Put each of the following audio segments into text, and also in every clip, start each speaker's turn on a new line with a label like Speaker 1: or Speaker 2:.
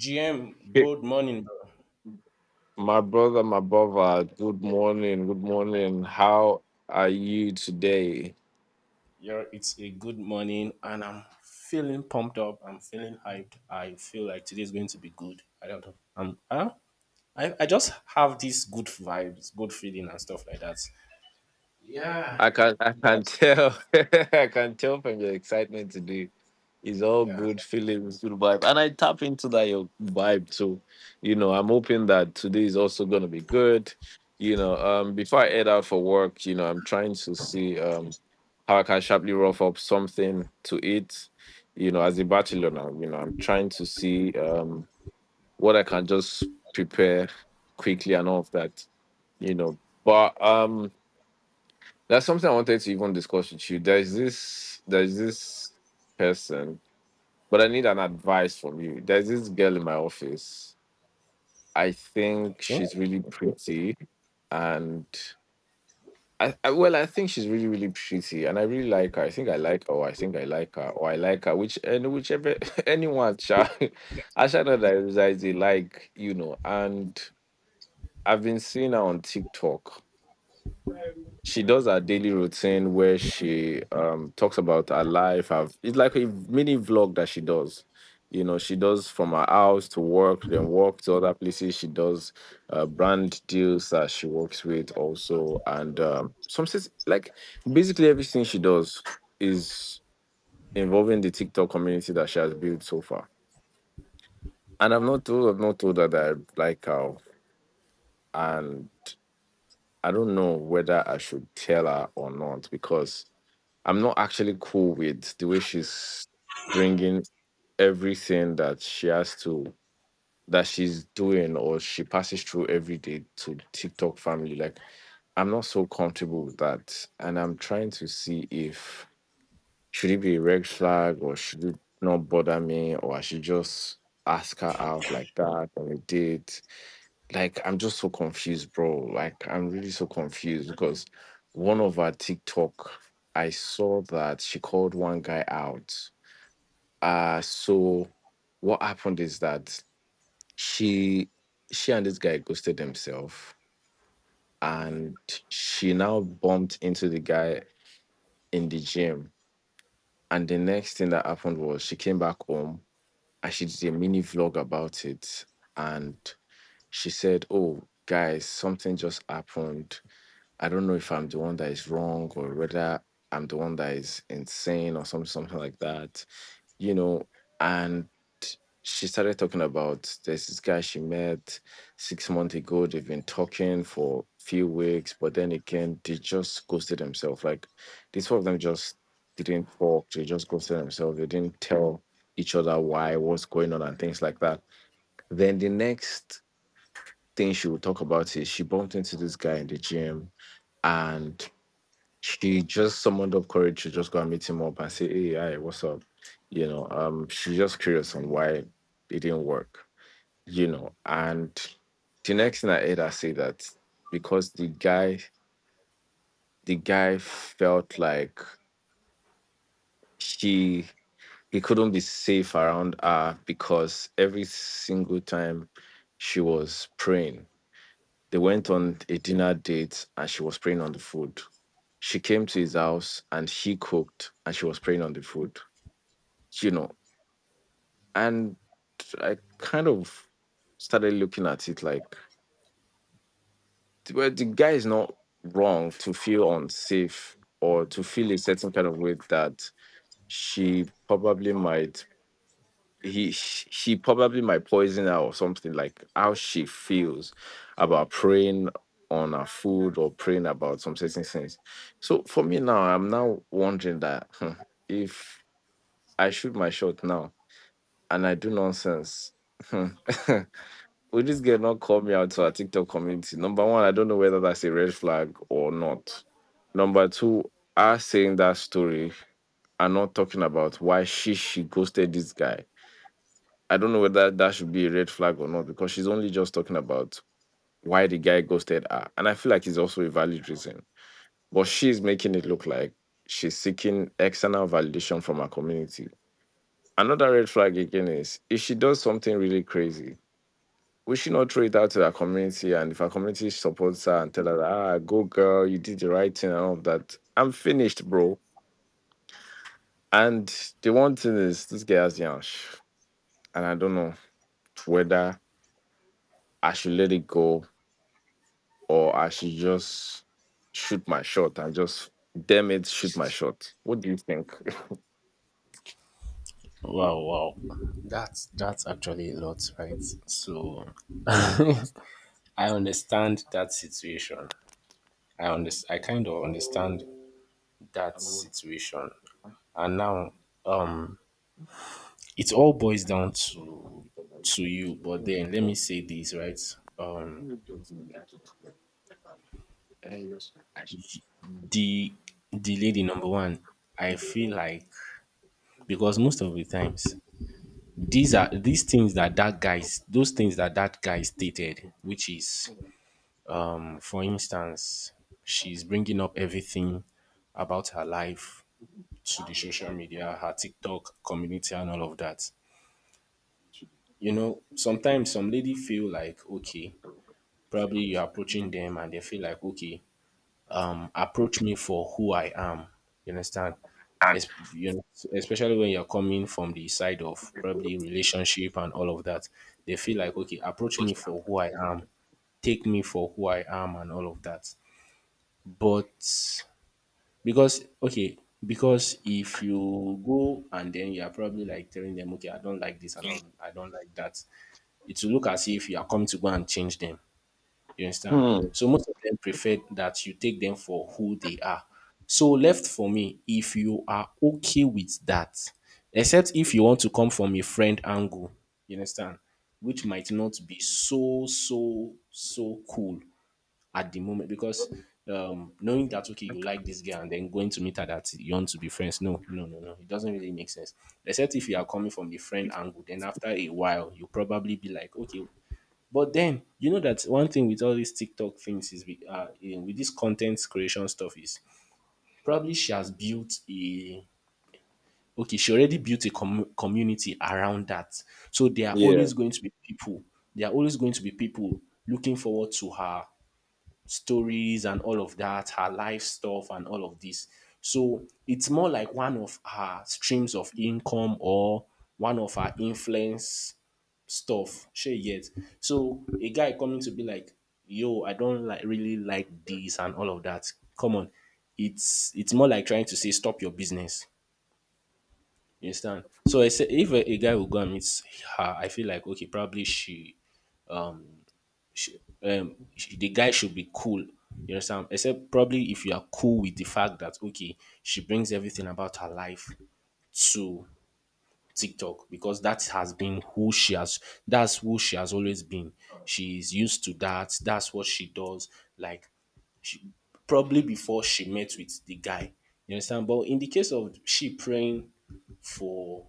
Speaker 1: GM,
Speaker 2: Hey,
Speaker 1: good morning, bro.
Speaker 2: my brother, my brother, good morning, good morning. How are you today?
Speaker 1: Yeah, it's a good morning, and I'm feeling pumped up. I'm feeling hyped. I feel like today is going to be good. I don't know. Huh? I just have these good vibes, good feeling, and stuff like that. Yeah.
Speaker 2: I can
Speaker 1: Yes.
Speaker 2: tell. I can tell from your excitement today. It's all
Speaker 1: Yeah.
Speaker 2: good feelings, good vibe. And I tap into that your vibe too. You know, I'm hoping that today is also gonna be good. You know, before I head out for work, you know, I'm trying to see how I can sharply rough up something to eat. You know, as a bachelor now, you know, I'm trying to see what I can just prepare quickly and all of that, you know. But that's something I wanted to even discuss with you. There's this person, but I need an advice from you. There's this girl in my office. I think
Speaker 1: Okay.
Speaker 2: she's really pretty, and I think she's really really pretty and I really like her. I think I like her or I think I like her or I like her, which and whichever, anyone shall I shall know that I like, you know. And I've been seeing her on TikTok. She does her daily routine where she talks about her life. Her, it's like a mini vlog that she does. You know, she does from her house to work, then work to other places. She does brand deals that she works with also, and like basically everything she does is involving the TikTok community that she has built so far. And I've not told her that I like her, and I don't know whether I should tell her or not because I'm not actually cool with the way she's bringing everything that she has to, that she's doing or she passes through every day to TikTok family. Like I'm not so comfortable with that, and I'm trying to see if should it be a red flag or should it not bother me, or I should just ask her out like that on a date. Like I'm just so confused, bro. Like I'm really so confused because one of our TikTok, I saw that she called one guy out. So what happened is that she she and this guy ghosted themselves, and she now bumped into the guy in the gym. And the next thing that happened was she came back home and she did a mini vlog about it. And she said, "Oh, guys, something just happened. I don't know if I'm the one that is wrong or whether I'm the one that is insane or something, something like that, you know." And she started talking about there's this guy she met six months ago. They've been talking for a few weeks, but then again, they just ghosted themselves. Like these four of them just didn't talk. They just ghosted themselves. They didn't tell each other why, what's going on, and things like that. Then the next thing she would talk about is she bumped into this guy in the gym, and she just summoned up courage to just go and meet him up and say, "Hey, hi, what's up?" You know, she's just curious on why it didn't work. You know, and the next thing I heard her say that because the guy felt like she he couldn't be safe around her because every single time she was praying, they went on a dinner date and she was praying on the food. She came to his house and he cooked and she was praying on the food, you know. And I kind of started looking at it like, well, the guy is not wrong to feel unsafe or to feel a certain kind of way, that she probably might, he probably might poison her or something, like how she feels about praying on her food or praying about some certain things. So for me now, I'm now wondering that, hmm, if I shoot my shot now and I do nonsense, hmm, will this girl not call me out to our TikTok community? Number one, I don't know whether that's a red flag or not. Number two, us saying that story and not talking about why she ghosted this guy. I don't know whether that should be a red flag or not, because she's only just talking about why the guy ghosted her, and I feel like it's also a valid reason. But she's making it look like she's seeking external validation from her community. Another red flag again is if she does something really crazy, we should not throw it out to our community. And if our community supports her and tell her, ah, go girl, you did the right thing and all of that, I'm finished, bro. And the one thing is, this guy has Yansh. And I don't know whether I should let it go or I should just shoot my shot and just, damn it, shoot my shot. What do you think?
Speaker 1: Wow, wow. That's actually a lot, right? So I understand that situation. I understand. I kind of understand that situation, and now, um, it all boils down to you, but then let me say this right. um the the lady, number one, I feel like, because most of the times, these are these things that guys, those things that guy stated, which is, for instance, she's bringing up everything about her life to the social media, her TikTok community, and all of that. You know, sometimes some lady feel like, okay, probably you're approaching them and they feel like, okay, approach me for who I am. You understand?
Speaker 2: And-
Speaker 1: You know, especially when you're coming from the side of probably relationship and all of that, they feel like, okay, approach me for who I am, take me for who I am, and all of that. But because okay, because if you go and then you're probably like telling them, okay, I don't like this, I don't like that, it will look as if you are coming to go and change them. You understand?
Speaker 2: Hmm.
Speaker 1: So most of them prefer that you take them for who they are. So left for me, if you are okay with that, except if you want to come from a friend angle, you understand, which might not be so so so cool at the moment because knowing that okay, you like this guy and then going to meet her that you want to be friends, no no no no, it doesn't really make sense. Except if you are coming from the friend angle, then after a while you probably be like okay. But then you know that one thing with all these TikTok things is with this content creation stuff is probably she has built a okay, she already built a community around that. So there are
Speaker 2: Yeah.
Speaker 1: always going to be people. There are always going to be people looking forward to her stories and all of that, her life stuff and all of this. So it's more like one of her streams of income or one of her influence stuff. Sure, yet. So a guy coming to be like, yo, I don't like really like this and all of that. Come on. It's more like trying to say stop your business. You understand? So I say if a guy will go and meet her, I feel like okay, probably sh- the guy should be cool. You understand? Except probably if you are cool with the fact that okay, she brings everything about her life to TikTok, because that has been who she has that's who she has always been. She's used to that. That's what she does. Like she probably before she met with the guy. You understand? But in the case of she praying for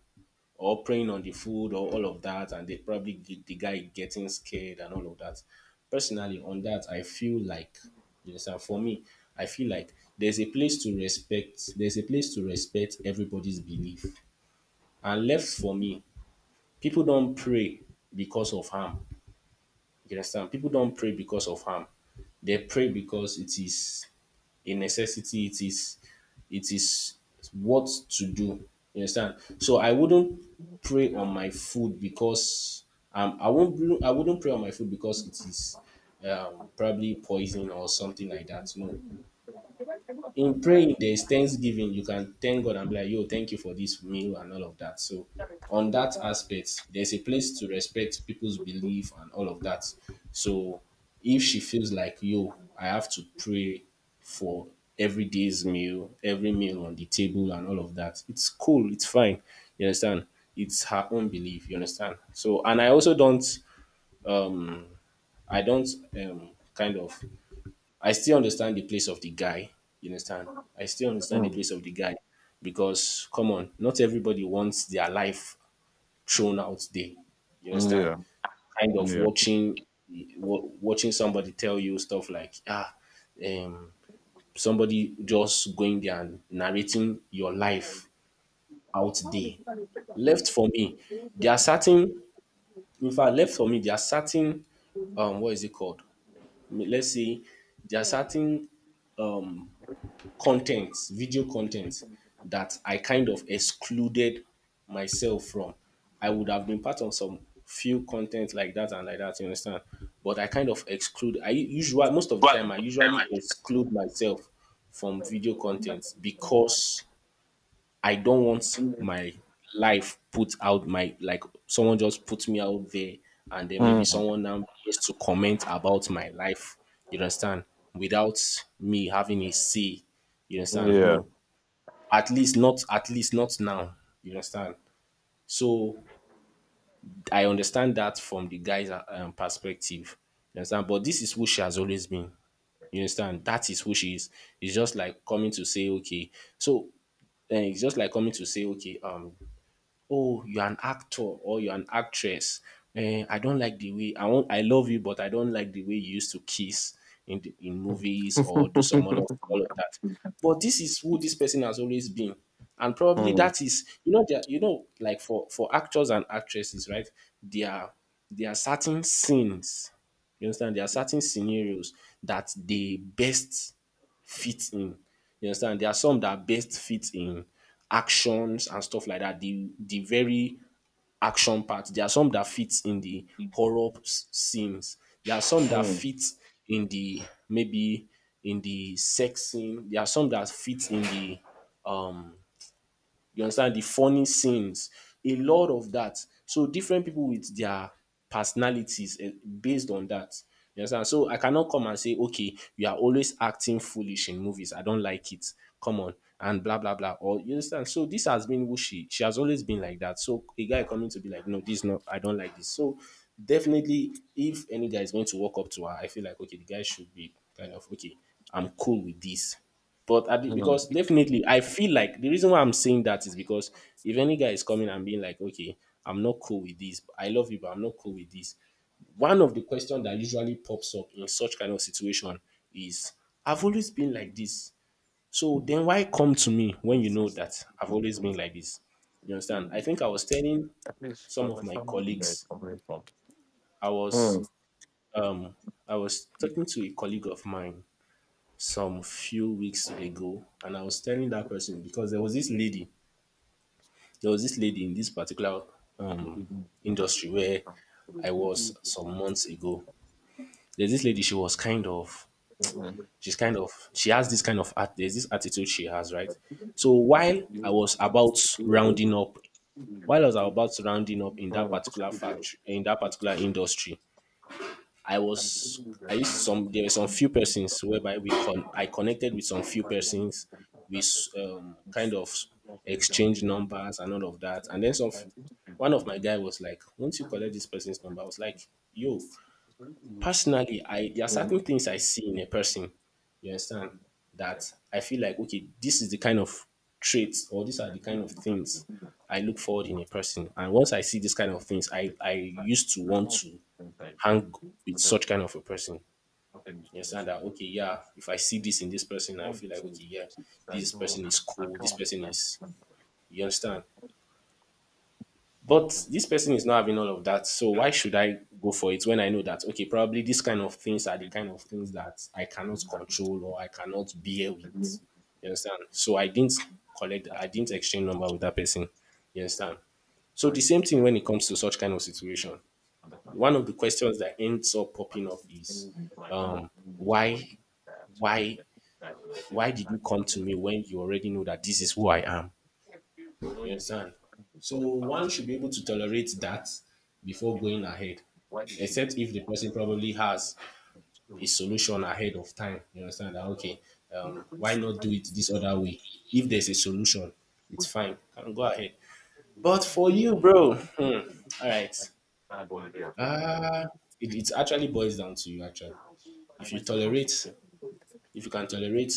Speaker 1: or preying on the food or all of that, and they probably get the guy getting scared and all of that. Personally, on that, I feel like yes, and for me, I feel like there's a place to respect. There's a place to respect everybody's belief. And left for me, people don't pray because of harm. You understand? People don't pray because of harm. They pray because it is a necessity. It is what to do. You understand? So I wouldn't pray on my food because I won't bl- I wouldn't pray on my food because it is probably poison or something like that. No, in praying there is thanksgiving. You can thank God and be like, yo, thank you for this meal and all of that. So on that aspect, there's a place to respect people's belief and all of that. So if she feels like, yo, I have to pray for every day's meal, every meal on the table and all of that, it's cool, it's fine. You understand? It's her own belief. You understand? So, and I also don't, I don't kind of I still understand the place of the guy. You understand? I still understand the
Speaker 2: Hmm.
Speaker 1: place of the guy because, come on, not everybody wants their life thrown out there. You understand?
Speaker 2: Yeah.
Speaker 1: Kind of
Speaker 2: Yeah.
Speaker 1: watching, watching somebody tell you stuff like, ah, um, somebody just going there and narrating your life out there. Left for me, there are certain, in fact, left for me, there are certain, what is it called? Let's say there are certain um contents, video contents that I kind of excluded myself from. I would have been part of some few content like that and like that, you understand? But I kind of exclude. I usually most of the time I usually exclude myself from video contents because I don't want my life put out, my like someone just put me out there and then maybe
Speaker 2: Hmm.
Speaker 1: someone now begins to comment about my life, you understand, without me having a say, you understand?
Speaker 2: Yeah.
Speaker 1: No. At least not, at least not now. You understand? So I understand that from the guy's perspective. You understand? But this is who she has always been. You understand? That is who she is. It's just like coming to say okay. So it's just like coming to say, okay, oh, you're an actor or you're an actress. Eh, I don't like the way I want. I love you, but I don't like the way you used to kiss in movies or do some other all of that. But this is who this person has always been, and probably
Speaker 2: Hmm.
Speaker 1: that is, you know, there you know, like for actors and actresses, right? There are certain scenes, you understand? There are certain scenarios that they best fit in. You understand. There are some that best fit in actions and stuff like that. The very action part. There are some that fit in the horror scenes. There are some that
Speaker 2: Hmm.
Speaker 1: fit in the maybe in the sex scene. There are some that fit in the um you understand, the funny scenes, a lot of that. So different people with their personalities eh, based on that. You understand? So I cannot come and say, okay, you are always acting foolish in movies. I don't like it. Come on. And blah blah blah. Or you understand? So this has been who she has always been like that. So a guy coming to be like, no, this is not, I don't like this. So definitely if any guy is going to walk up to her, I feel like okay, the guy should be kind of okay, I'm cool with this. But at the, because definitely, I feel like the reason why I'm saying that is because if any guy is coming and being like, okay, I'm not cool with this, I love you, but I'm not cool with this. One of the questions that usually pops up in such kind of situation is, I've always been like this. So then why come to me when you know that I've always been like this? You understand? I think I was telling some of my colleagues, I was
Speaker 2: Hmm.
Speaker 1: um I was talking to a colleague of mine some few weeks ago, and I was telling that person because there was this lady, there was this lady in this particular um, industry where I was some months ago. There's this lady, she was kind of,
Speaker 2: Hmm.
Speaker 1: she's kind of, she has this kind of, there's this attitude she has, right? So while I was about rounding up, while I was about rounding up in that particular factory, in that particular industry, I was I used some there were some few persons whereby I connected with some few persons. Kind of exchange numbers and all of that, and then some. One of my guy was like, "Once you collect this person's number," I was like, "Yo, personally, I there are certain things I see in a person. You understand that I feel like okay, this is the kind of traits or these are the kind of things I look forward in a person. And once I see these kind of things, I used to want to hang with such kind of a person. You understand that? Okay, yeah. If I see this in this person, I feel like okay, yeah, this person is cool. This person is. You understand? But this person is not having all of that. So why should I go for it when I know that okay, probably these kind of things are the kind of things that I cannot control or I cannot bear with. You understand? So I didn't collect. I didn't exchange number with that person. You understand? So the same thing when it comes to such kind of situation. One of the questions that ends up popping up is um, why why why did you come to me when you already know that this is who I am? You understand? So one should be able to tolerate that before going ahead. Except if the person probably has a solution ahead of time. You understand that okay, why not do it this other way? If there's a solution, it's fine. Can go ahead. But for you, bro, hmm, all right. Uh it actually boils down to you actually. If you tolerate, if you can tolerate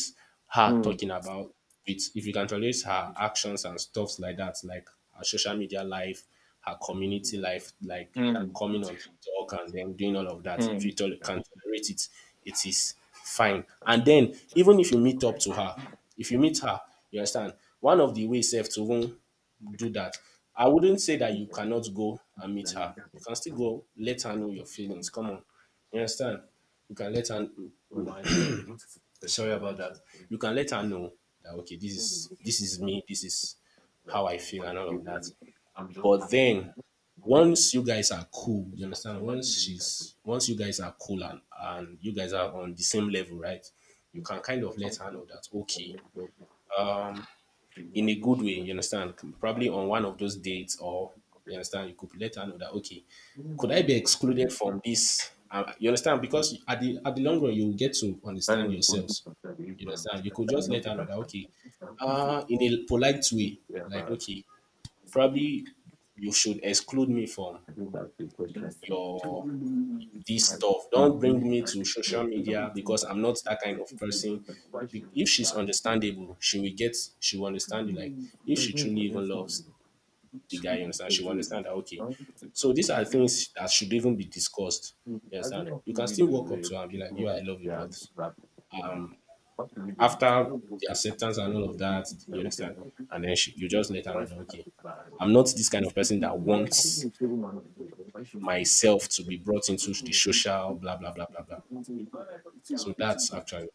Speaker 1: her talking about it, if you can tolerate her actions and stuffs like that, like her social media life, her community life, like coming on talk and then doing all of that, if you can tolerate it, it is fine. And then even if you meet up to her, if you meet her, you understand, one of the ways safe to even do that. I wouldn't say that you cannot go and meet her. You can still go, let her know your feelings. Come on. You understand? You can let her, sorry about that. You can let her know that okay, this is me, this is how I feel and all of that. But then once you guys are cool, you understand? Once you guys are cool and you guys are on the same level, right? You can kind of let her know that okay, in a good way, you understand? Probably on one of those dates, or you understand, you could let her know that okay, could I be excluded from this? You understand? Because at the long run, you will get to understand yourselves. You understand? You could just let her know that okay, in a polite way, like okay, probably you should exclude me from your this stuff. Don't bring me to social media because I'm not that kind of person. If she's understandable, she will understand you. Like, if she truly even loves the guy, you understand, she will understand that, okay. So these are things that should even be discussed. You understand? You can still walk up to her and be like, "You, I love you, but after the acceptance and all of that, you understand? And then you just let her know that okay, I'm not this kind of person that wants myself to be brought into the social blah blah blah blah blah. So that's actually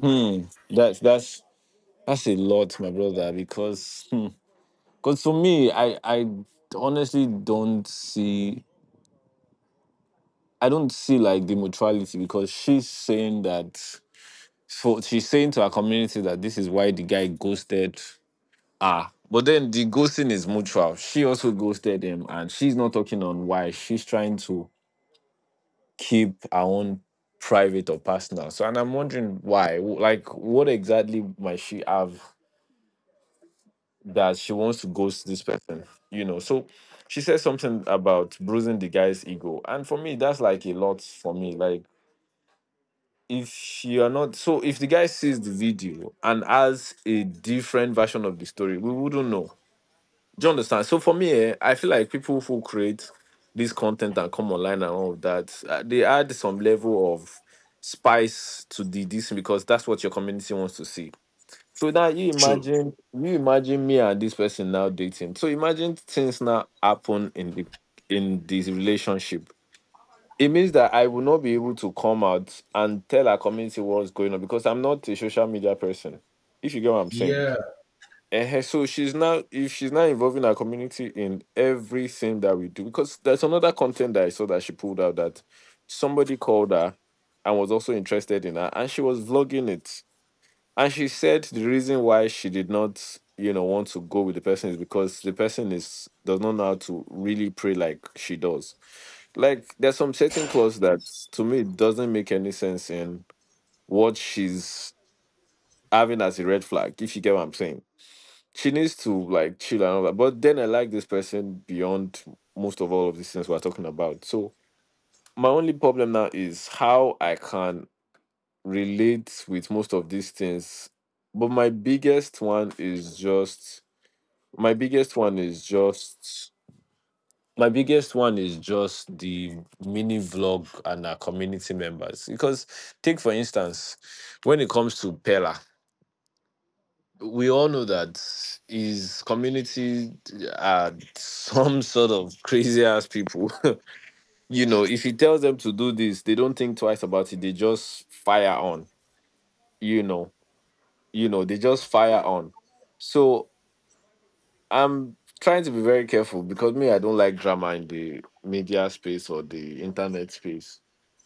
Speaker 2: Hmm. That's that's a lot, my brother. Because hmm, because for me, I honestly don't see, I don't see like the mutuality, because she's saying that, for she's saying to her community that this is why the guy ghosted her. But then the ghosting is mutual. She also ghosted him, and she's not talking on why. She's trying to keep her own private or personal. So, and I'm wondering why. Like, what exactly might she have that she wants to ghost this person, you know. So she said something about bruising the guy's ego. And for me, that's like a lot for me. Like, if you are not so, if the guy sees the video and has a different version of the story, we wouldn't know. Do you understand? So for me, eh, I feel like people who create this content and come online and all of that, they add some level of spice to the this, because that's what your community wants to see. So now you
Speaker 1: true.
Speaker 2: imagine, me and this person now dating. So imagine things now happen in the in this relationship. It means that I will not be able to come out and tell our community what's going on, because I'm not a social media person. If you get what I'm saying.
Speaker 1: Yeah,
Speaker 2: And so she's now, if she's now involving our community in everything that we do, because there's another content that I saw that she pulled out that somebody called her and was also interested in her and she was vlogging it, and she said the reason why she did not, you know, want to go with the person is because the person is does not know how to really pray like she does. Like there's some certain clause that to me doesn't make any sense in what she's having as a red flag, if you get what I'm saying. She needs to like chill and all that. But then I like this person beyond most of all of these things we're talking about. So my only problem now is how I can relate with most of these things, but my biggest one is just my biggest one is just my biggest one is just the mini vlog and our community members. Because take for instance when it comes to pella, we all know that his community are some sort of crazy ass people. You know, if he tells them to do this, they don't think twice about it, they just fire on, you know. You know they just fire on So I'm trying to be very careful because me, I don't like drama in the media space or the internet space.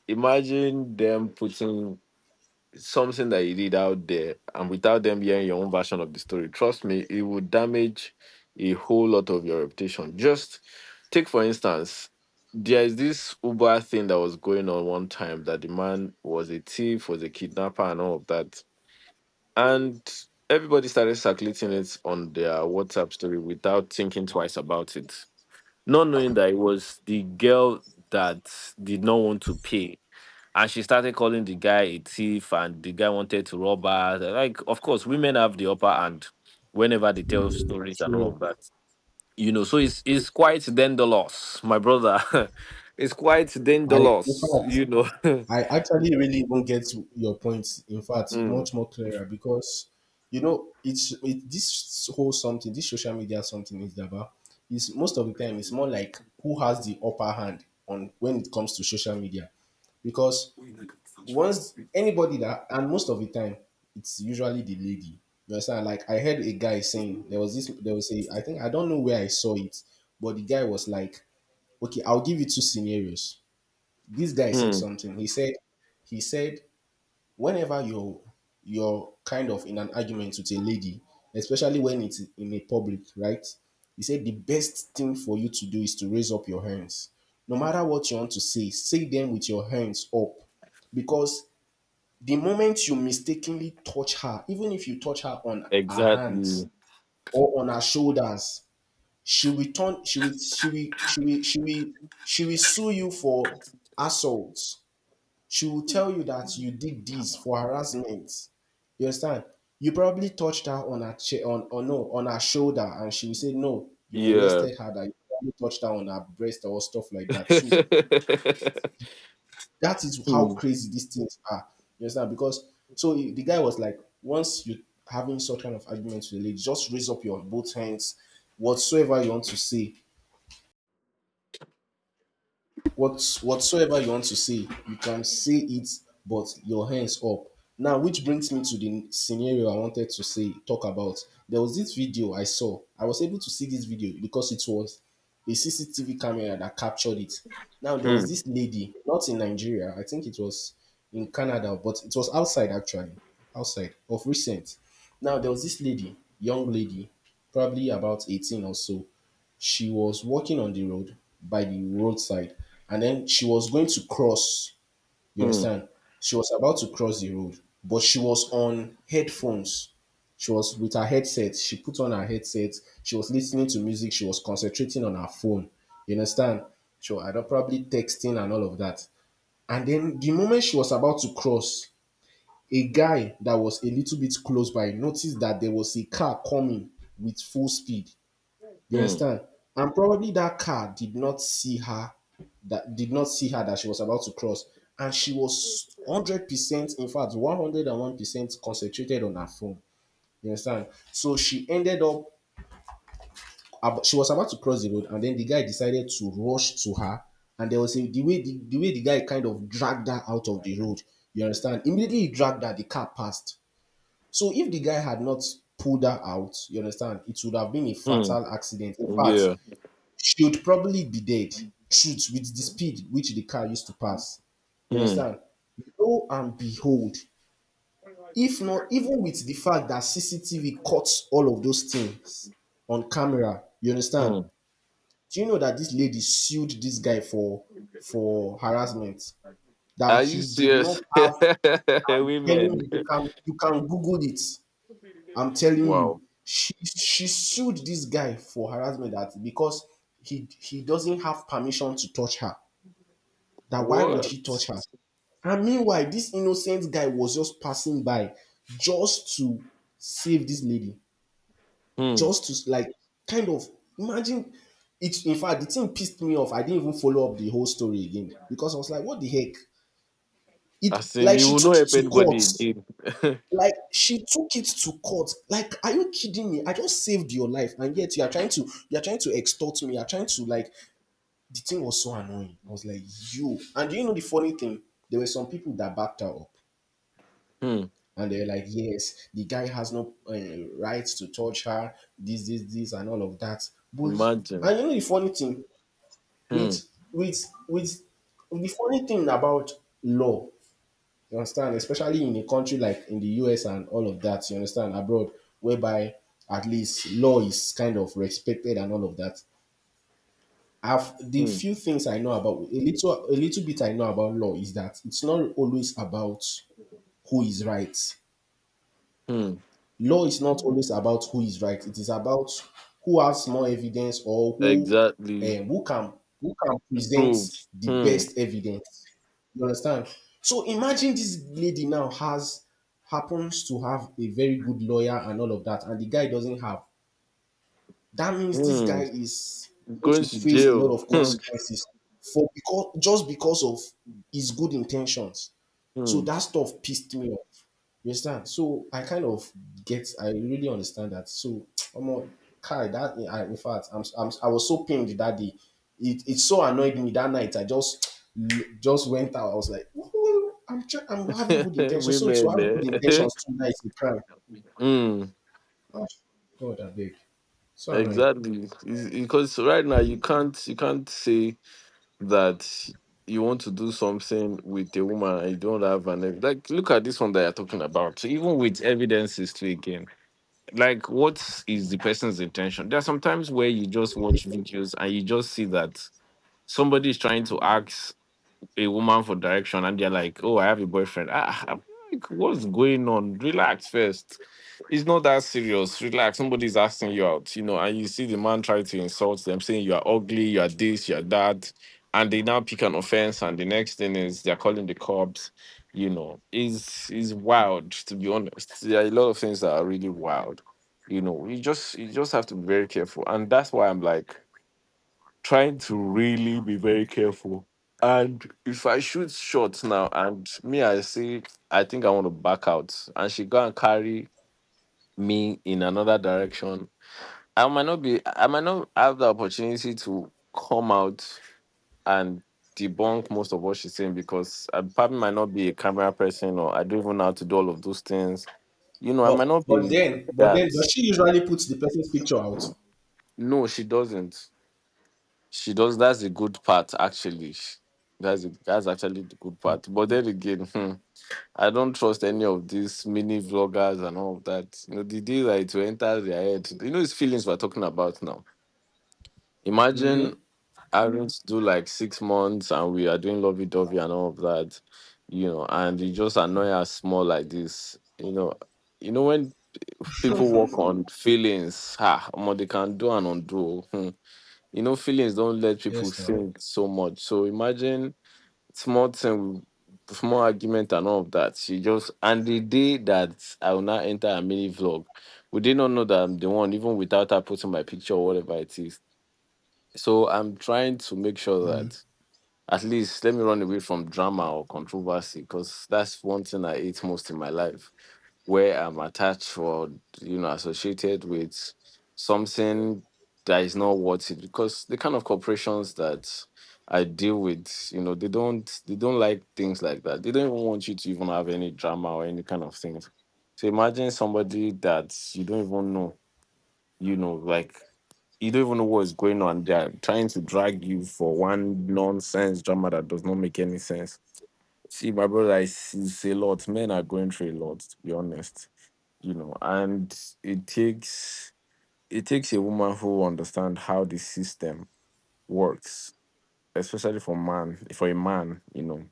Speaker 2: Imagine them putting something that you did out there, and without them hearing your own version of the story, trust me, it would damage a whole lot of your reputation. Just take for instance, there is this Uber thing that was going on one time, that the man was a thief, was a kidnapper and all of that, and everybody started circulating it on their WhatsApp story without thinking twice about it, not knowing that it was the girl that did not want to pay. And she started calling the guy a thief, and the guy wanted to rob her. Like, of course, women have the upper hand whenever they tell stories and all
Speaker 1: true.
Speaker 2: of that. You know, so it's quite dangerous, my brother. It's quite
Speaker 1: I, in fact,
Speaker 2: dangerous, you know.
Speaker 1: I actually really even get to your point. In fact,
Speaker 2: Mm,
Speaker 1: much more clearer because you know this whole something, this social media something is about is most of the time it's more like who has the upper hand on when it comes to social media because once anybody that, and most of the time it's usually the lady. You understand? Like I heard a guy saying there was a, I think I don't know where I saw it, but the guy was like, okay, I'll give you two scenarios. This guy said
Speaker 2: mm,
Speaker 1: something. He said whenever you're kind of in an argument with a lady, especially when it's in a public, right? He said the best thing for you to do is to raise up your hands. No matter what you want to say, say them with your hands up. Because the moment you mistakenly touch her, even if you touch her on her hands
Speaker 2: exactly.
Speaker 1: or on her shoulders, she will turn she will she will she will she will she will sue you for assault. She will tell you that you did this for harassment. You understand? You probably touched her on her chair, on or no, on her shoulder, and she will say, No, you
Speaker 2: Yeah.
Speaker 1: molested her, that you probably touched her on her breast or stuff like that. So that is how
Speaker 2: Hmm.
Speaker 1: crazy these things are. You understand? Because the guy was like, once you having such kind of argument with a lady, just raise up your both hands, whatsoever you want to say. Whatsoever you want to say, you can say it, but your hands up. Now, which brings me to the scenario I wanted to say talk about. There was this video I saw. I was able to see this video because it was a CCTV camera that captured it. Now, there
Speaker 2: Hmm.
Speaker 1: was this lady, not in Nigeria, I think it was in Canada, but it was outside actually, outside of recent. Now, there was this lady, young lady, probably about 18 or so, she was walking on the road by the roadside, and then she was going to cross, you
Speaker 2: Hmm.
Speaker 1: understand, she was about to cross the road, but she was on headphones. She was with her headset. She put on her headset. She was listening to music. She was concentrating on her phone. You understand, she was probably texting and all of that. And then the moment she was about to cross, a guy that was a little bit close by noticed that there was a car coming with full speed. You
Speaker 2: Hmm.
Speaker 1: understand? And probably that car did not see her, that did not see her that she was about to cross. And she was hundred percent, in fact, one hundred and one percent concentrated on her phone. You understand? So she ended up she was about to cross the road, and then the guy decided to rush to her. And there was a, the way the guy kind of dragged her out of the road. You understand? Immediately he dragged her, the car passed. So if the guy had not pulled her out, you understand, it would have been a
Speaker 2: Hmm.
Speaker 1: fatal accident. In fact,
Speaker 2: Yeah.
Speaker 1: should probably be dead. Shoot with the speed which the car used to pass. You
Speaker 2: Hmm.
Speaker 1: understand? Lo and behold, if not even with the fact that CCTV cuts all of those things on camera, you understand?
Speaker 2: Hmm.
Speaker 1: Do you know that this lady sued this guy for harassment?
Speaker 2: Are
Speaker 1: That
Speaker 2: you
Speaker 1: he did not
Speaker 2: serious?
Speaker 1: have, I'm telling
Speaker 2: Women.
Speaker 1: you, you can Google it. I'm telling you.
Speaker 2: Wow.
Speaker 1: She sued this guy for harassment that because he doesn't have permission to touch her. That why would
Speaker 2: What?
Speaker 1: he touch her? And meanwhile, this innocent guy was just passing by just to save this lady,
Speaker 2: Hmm.
Speaker 1: just to like kind of imagine it. In fact, the thing pissed me off. I didn't even follow up the whole story again because I was like, what the heck?
Speaker 2: I
Speaker 1: It
Speaker 2: in,
Speaker 1: like
Speaker 2: you
Speaker 1: she
Speaker 2: will not
Speaker 1: took it
Speaker 2: help
Speaker 1: to court.
Speaker 2: anybody again.
Speaker 1: Like she took it to court. Like, are you kidding me? I just saved your life, and yet you are trying to extort me. You are trying to like, the thing was so annoying. I was like, you. And do you know the funny thing? There were some people that backed her up.
Speaker 2: Hmm.
Speaker 1: And they're like, yes, the guy has no rights to touch her, this, and all of that. But
Speaker 2: Imagine.
Speaker 1: and you know the funny thing
Speaker 2: Hmm.
Speaker 1: with with the funny thing about law, you understand, especially in a country like in the US and all of that, you understand, abroad, whereby at least law is kind of respected and all of that. I've the
Speaker 2: Hmm.
Speaker 1: few things I know about, a little bit I know about law, is that it's not always about who is right.
Speaker 2: Hmm.
Speaker 1: Law is not always about who is right. It is about who has more evidence or
Speaker 2: Exactly.
Speaker 1: who can present
Speaker 2: Proof.
Speaker 1: the
Speaker 2: Hmm.
Speaker 1: best evidence. You understand? So imagine this lady now has happens to have a very good lawyer and all of that, and the guy doesn't have. That means this
Speaker 2: Hmm.
Speaker 1: guy is going
Speaker 2: Going
Speaker 1: to
Speaker 2: to
Speaker 1: face a lot
Speaker 2: jail.
Speaker 1: of
Speaker 2: Hmm.
Speaker 1: consequences for, because just because of his good intentions. So
Speaker 2: Hmm.
Speaker 1: that stuff pissed me off. You understand? So I kind of I really understand that. So I'm a, Kai, that I, in fact, I was so pained that day. It so annoyed me that night. I just just went out. I was like, "Woo, I'm I'm having good intentions. So to
Speaker 2: Women.
Speaker 1: have good
Speaker 2: Eh?
Speaker 1: intentions too nice is a crime.
Speaker 2: Hmm.
Speaker 1: Ah, God, I beg. So annoying.
Speaker 2: Exactly. It's- Because right now you can't say that you want to do something with a woman and you don't have an ev- like look at this one that you're talking about. So even with evidences, to again, like, what is the person's intention? There are sometimes where you just watch videos and you just see that somebody is trying to ask a woman for direction and they're like, "Oh, I have a boyfriend." Ah, I'm like, what's going on? Relax first. It's not that serious. Relax. Somebody's asking you out, you know, and you see the man try to insult them, saying you are ugly, you are this, you are that, and they now pick an offense, and the next thing is they're calling the cops. You know, is wild, to be honest. There are a lot of things that are really wild. You know, you just have to be very careful, and that's why I'm like trying to really be very careful. And if I shoot shots now, and me, I say I think I want to back out, and she go and carry me in another direction. I might not have the opportunity to come out and debunk most of what she's saying, because I probably might not be a camera person, or I don't even know how to do all of those things. You know, I
Speaker 1: But
Speaker 2: might not
Speaker 1: but
Speaker 2: be
Speaker 1: then but then
Speaker 2: that.
Speaker 1: does she usually put the person's picture out?
Speaker 2: No, she doesn't. She does, that's the good part actually. That's actually the good part. But then again, hmm, I don't trust any of these mini vloggers and all of that. You know, the day that it will enter their head, you know, it's feelings we're talking about now. Imagine having to do like 6 months and we are doing lovey dovey and all of that, you know, and you just annoy us more like this, you know. You know, when people work on feelings, ha, omo, they can do and undo. Hmm. You know, feelings don't let people
Speaker 1: Yes, now.
Speaker 2: think so much. So imagine small thing, small argument and all of that. She just, and the day that I will not enter a mini vlog, we did not know that I'm the one, even without her putting my picture or whatever it is. So I'm trying to make sure that at least let me run away from drama or controversy, because that's one thing I hate most in my life, where I'm attached or, you know, associated with something that is not worth it. Because the kind of corporations that I deal with, you know, they don't like things like that. They don't even want you to even have any drama or any kind of things. So imagine somebody that you don't even know, you know, like, you don't even know what is going on. They are trying to drag you for one nonsense drama that does not make any sense. See, my brother, I see it's a lot. Men are going through a lot, to be honest. You know, and it takes it takes a woman who understands how the system works, especially for man, for a man, you know,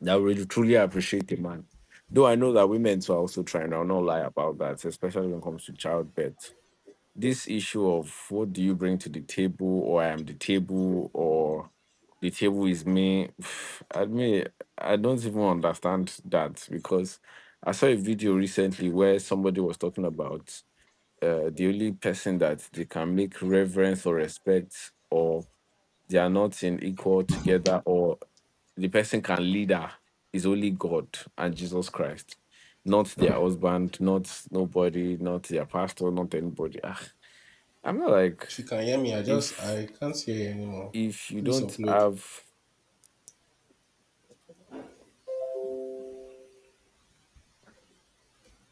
Speaker 2: that will really truly appreciate a man. Though I know that women too are also trying, I'll not lie about that, especially when it comes to childbirth, this issue of what do you bring to the table, or I am the table, or the table is me. I mean, I don't even understand that, because I saw a video recently where somebody was talking about the only person that they can make reverence or respect, or they are not in equal together, or the person can lead her, is only God and Jesus Christ, not their husband, not nobody, not their pastor, not anybody. I'm not like,
Speaker 1: If you can hear me,
Speaker 2: if
Speaker 1: I can't hear you anymore.
Speaker 2: if you
Speaker 1: Please
Speaker 2: don't
Speaker 1: upload.
Speaker 2: have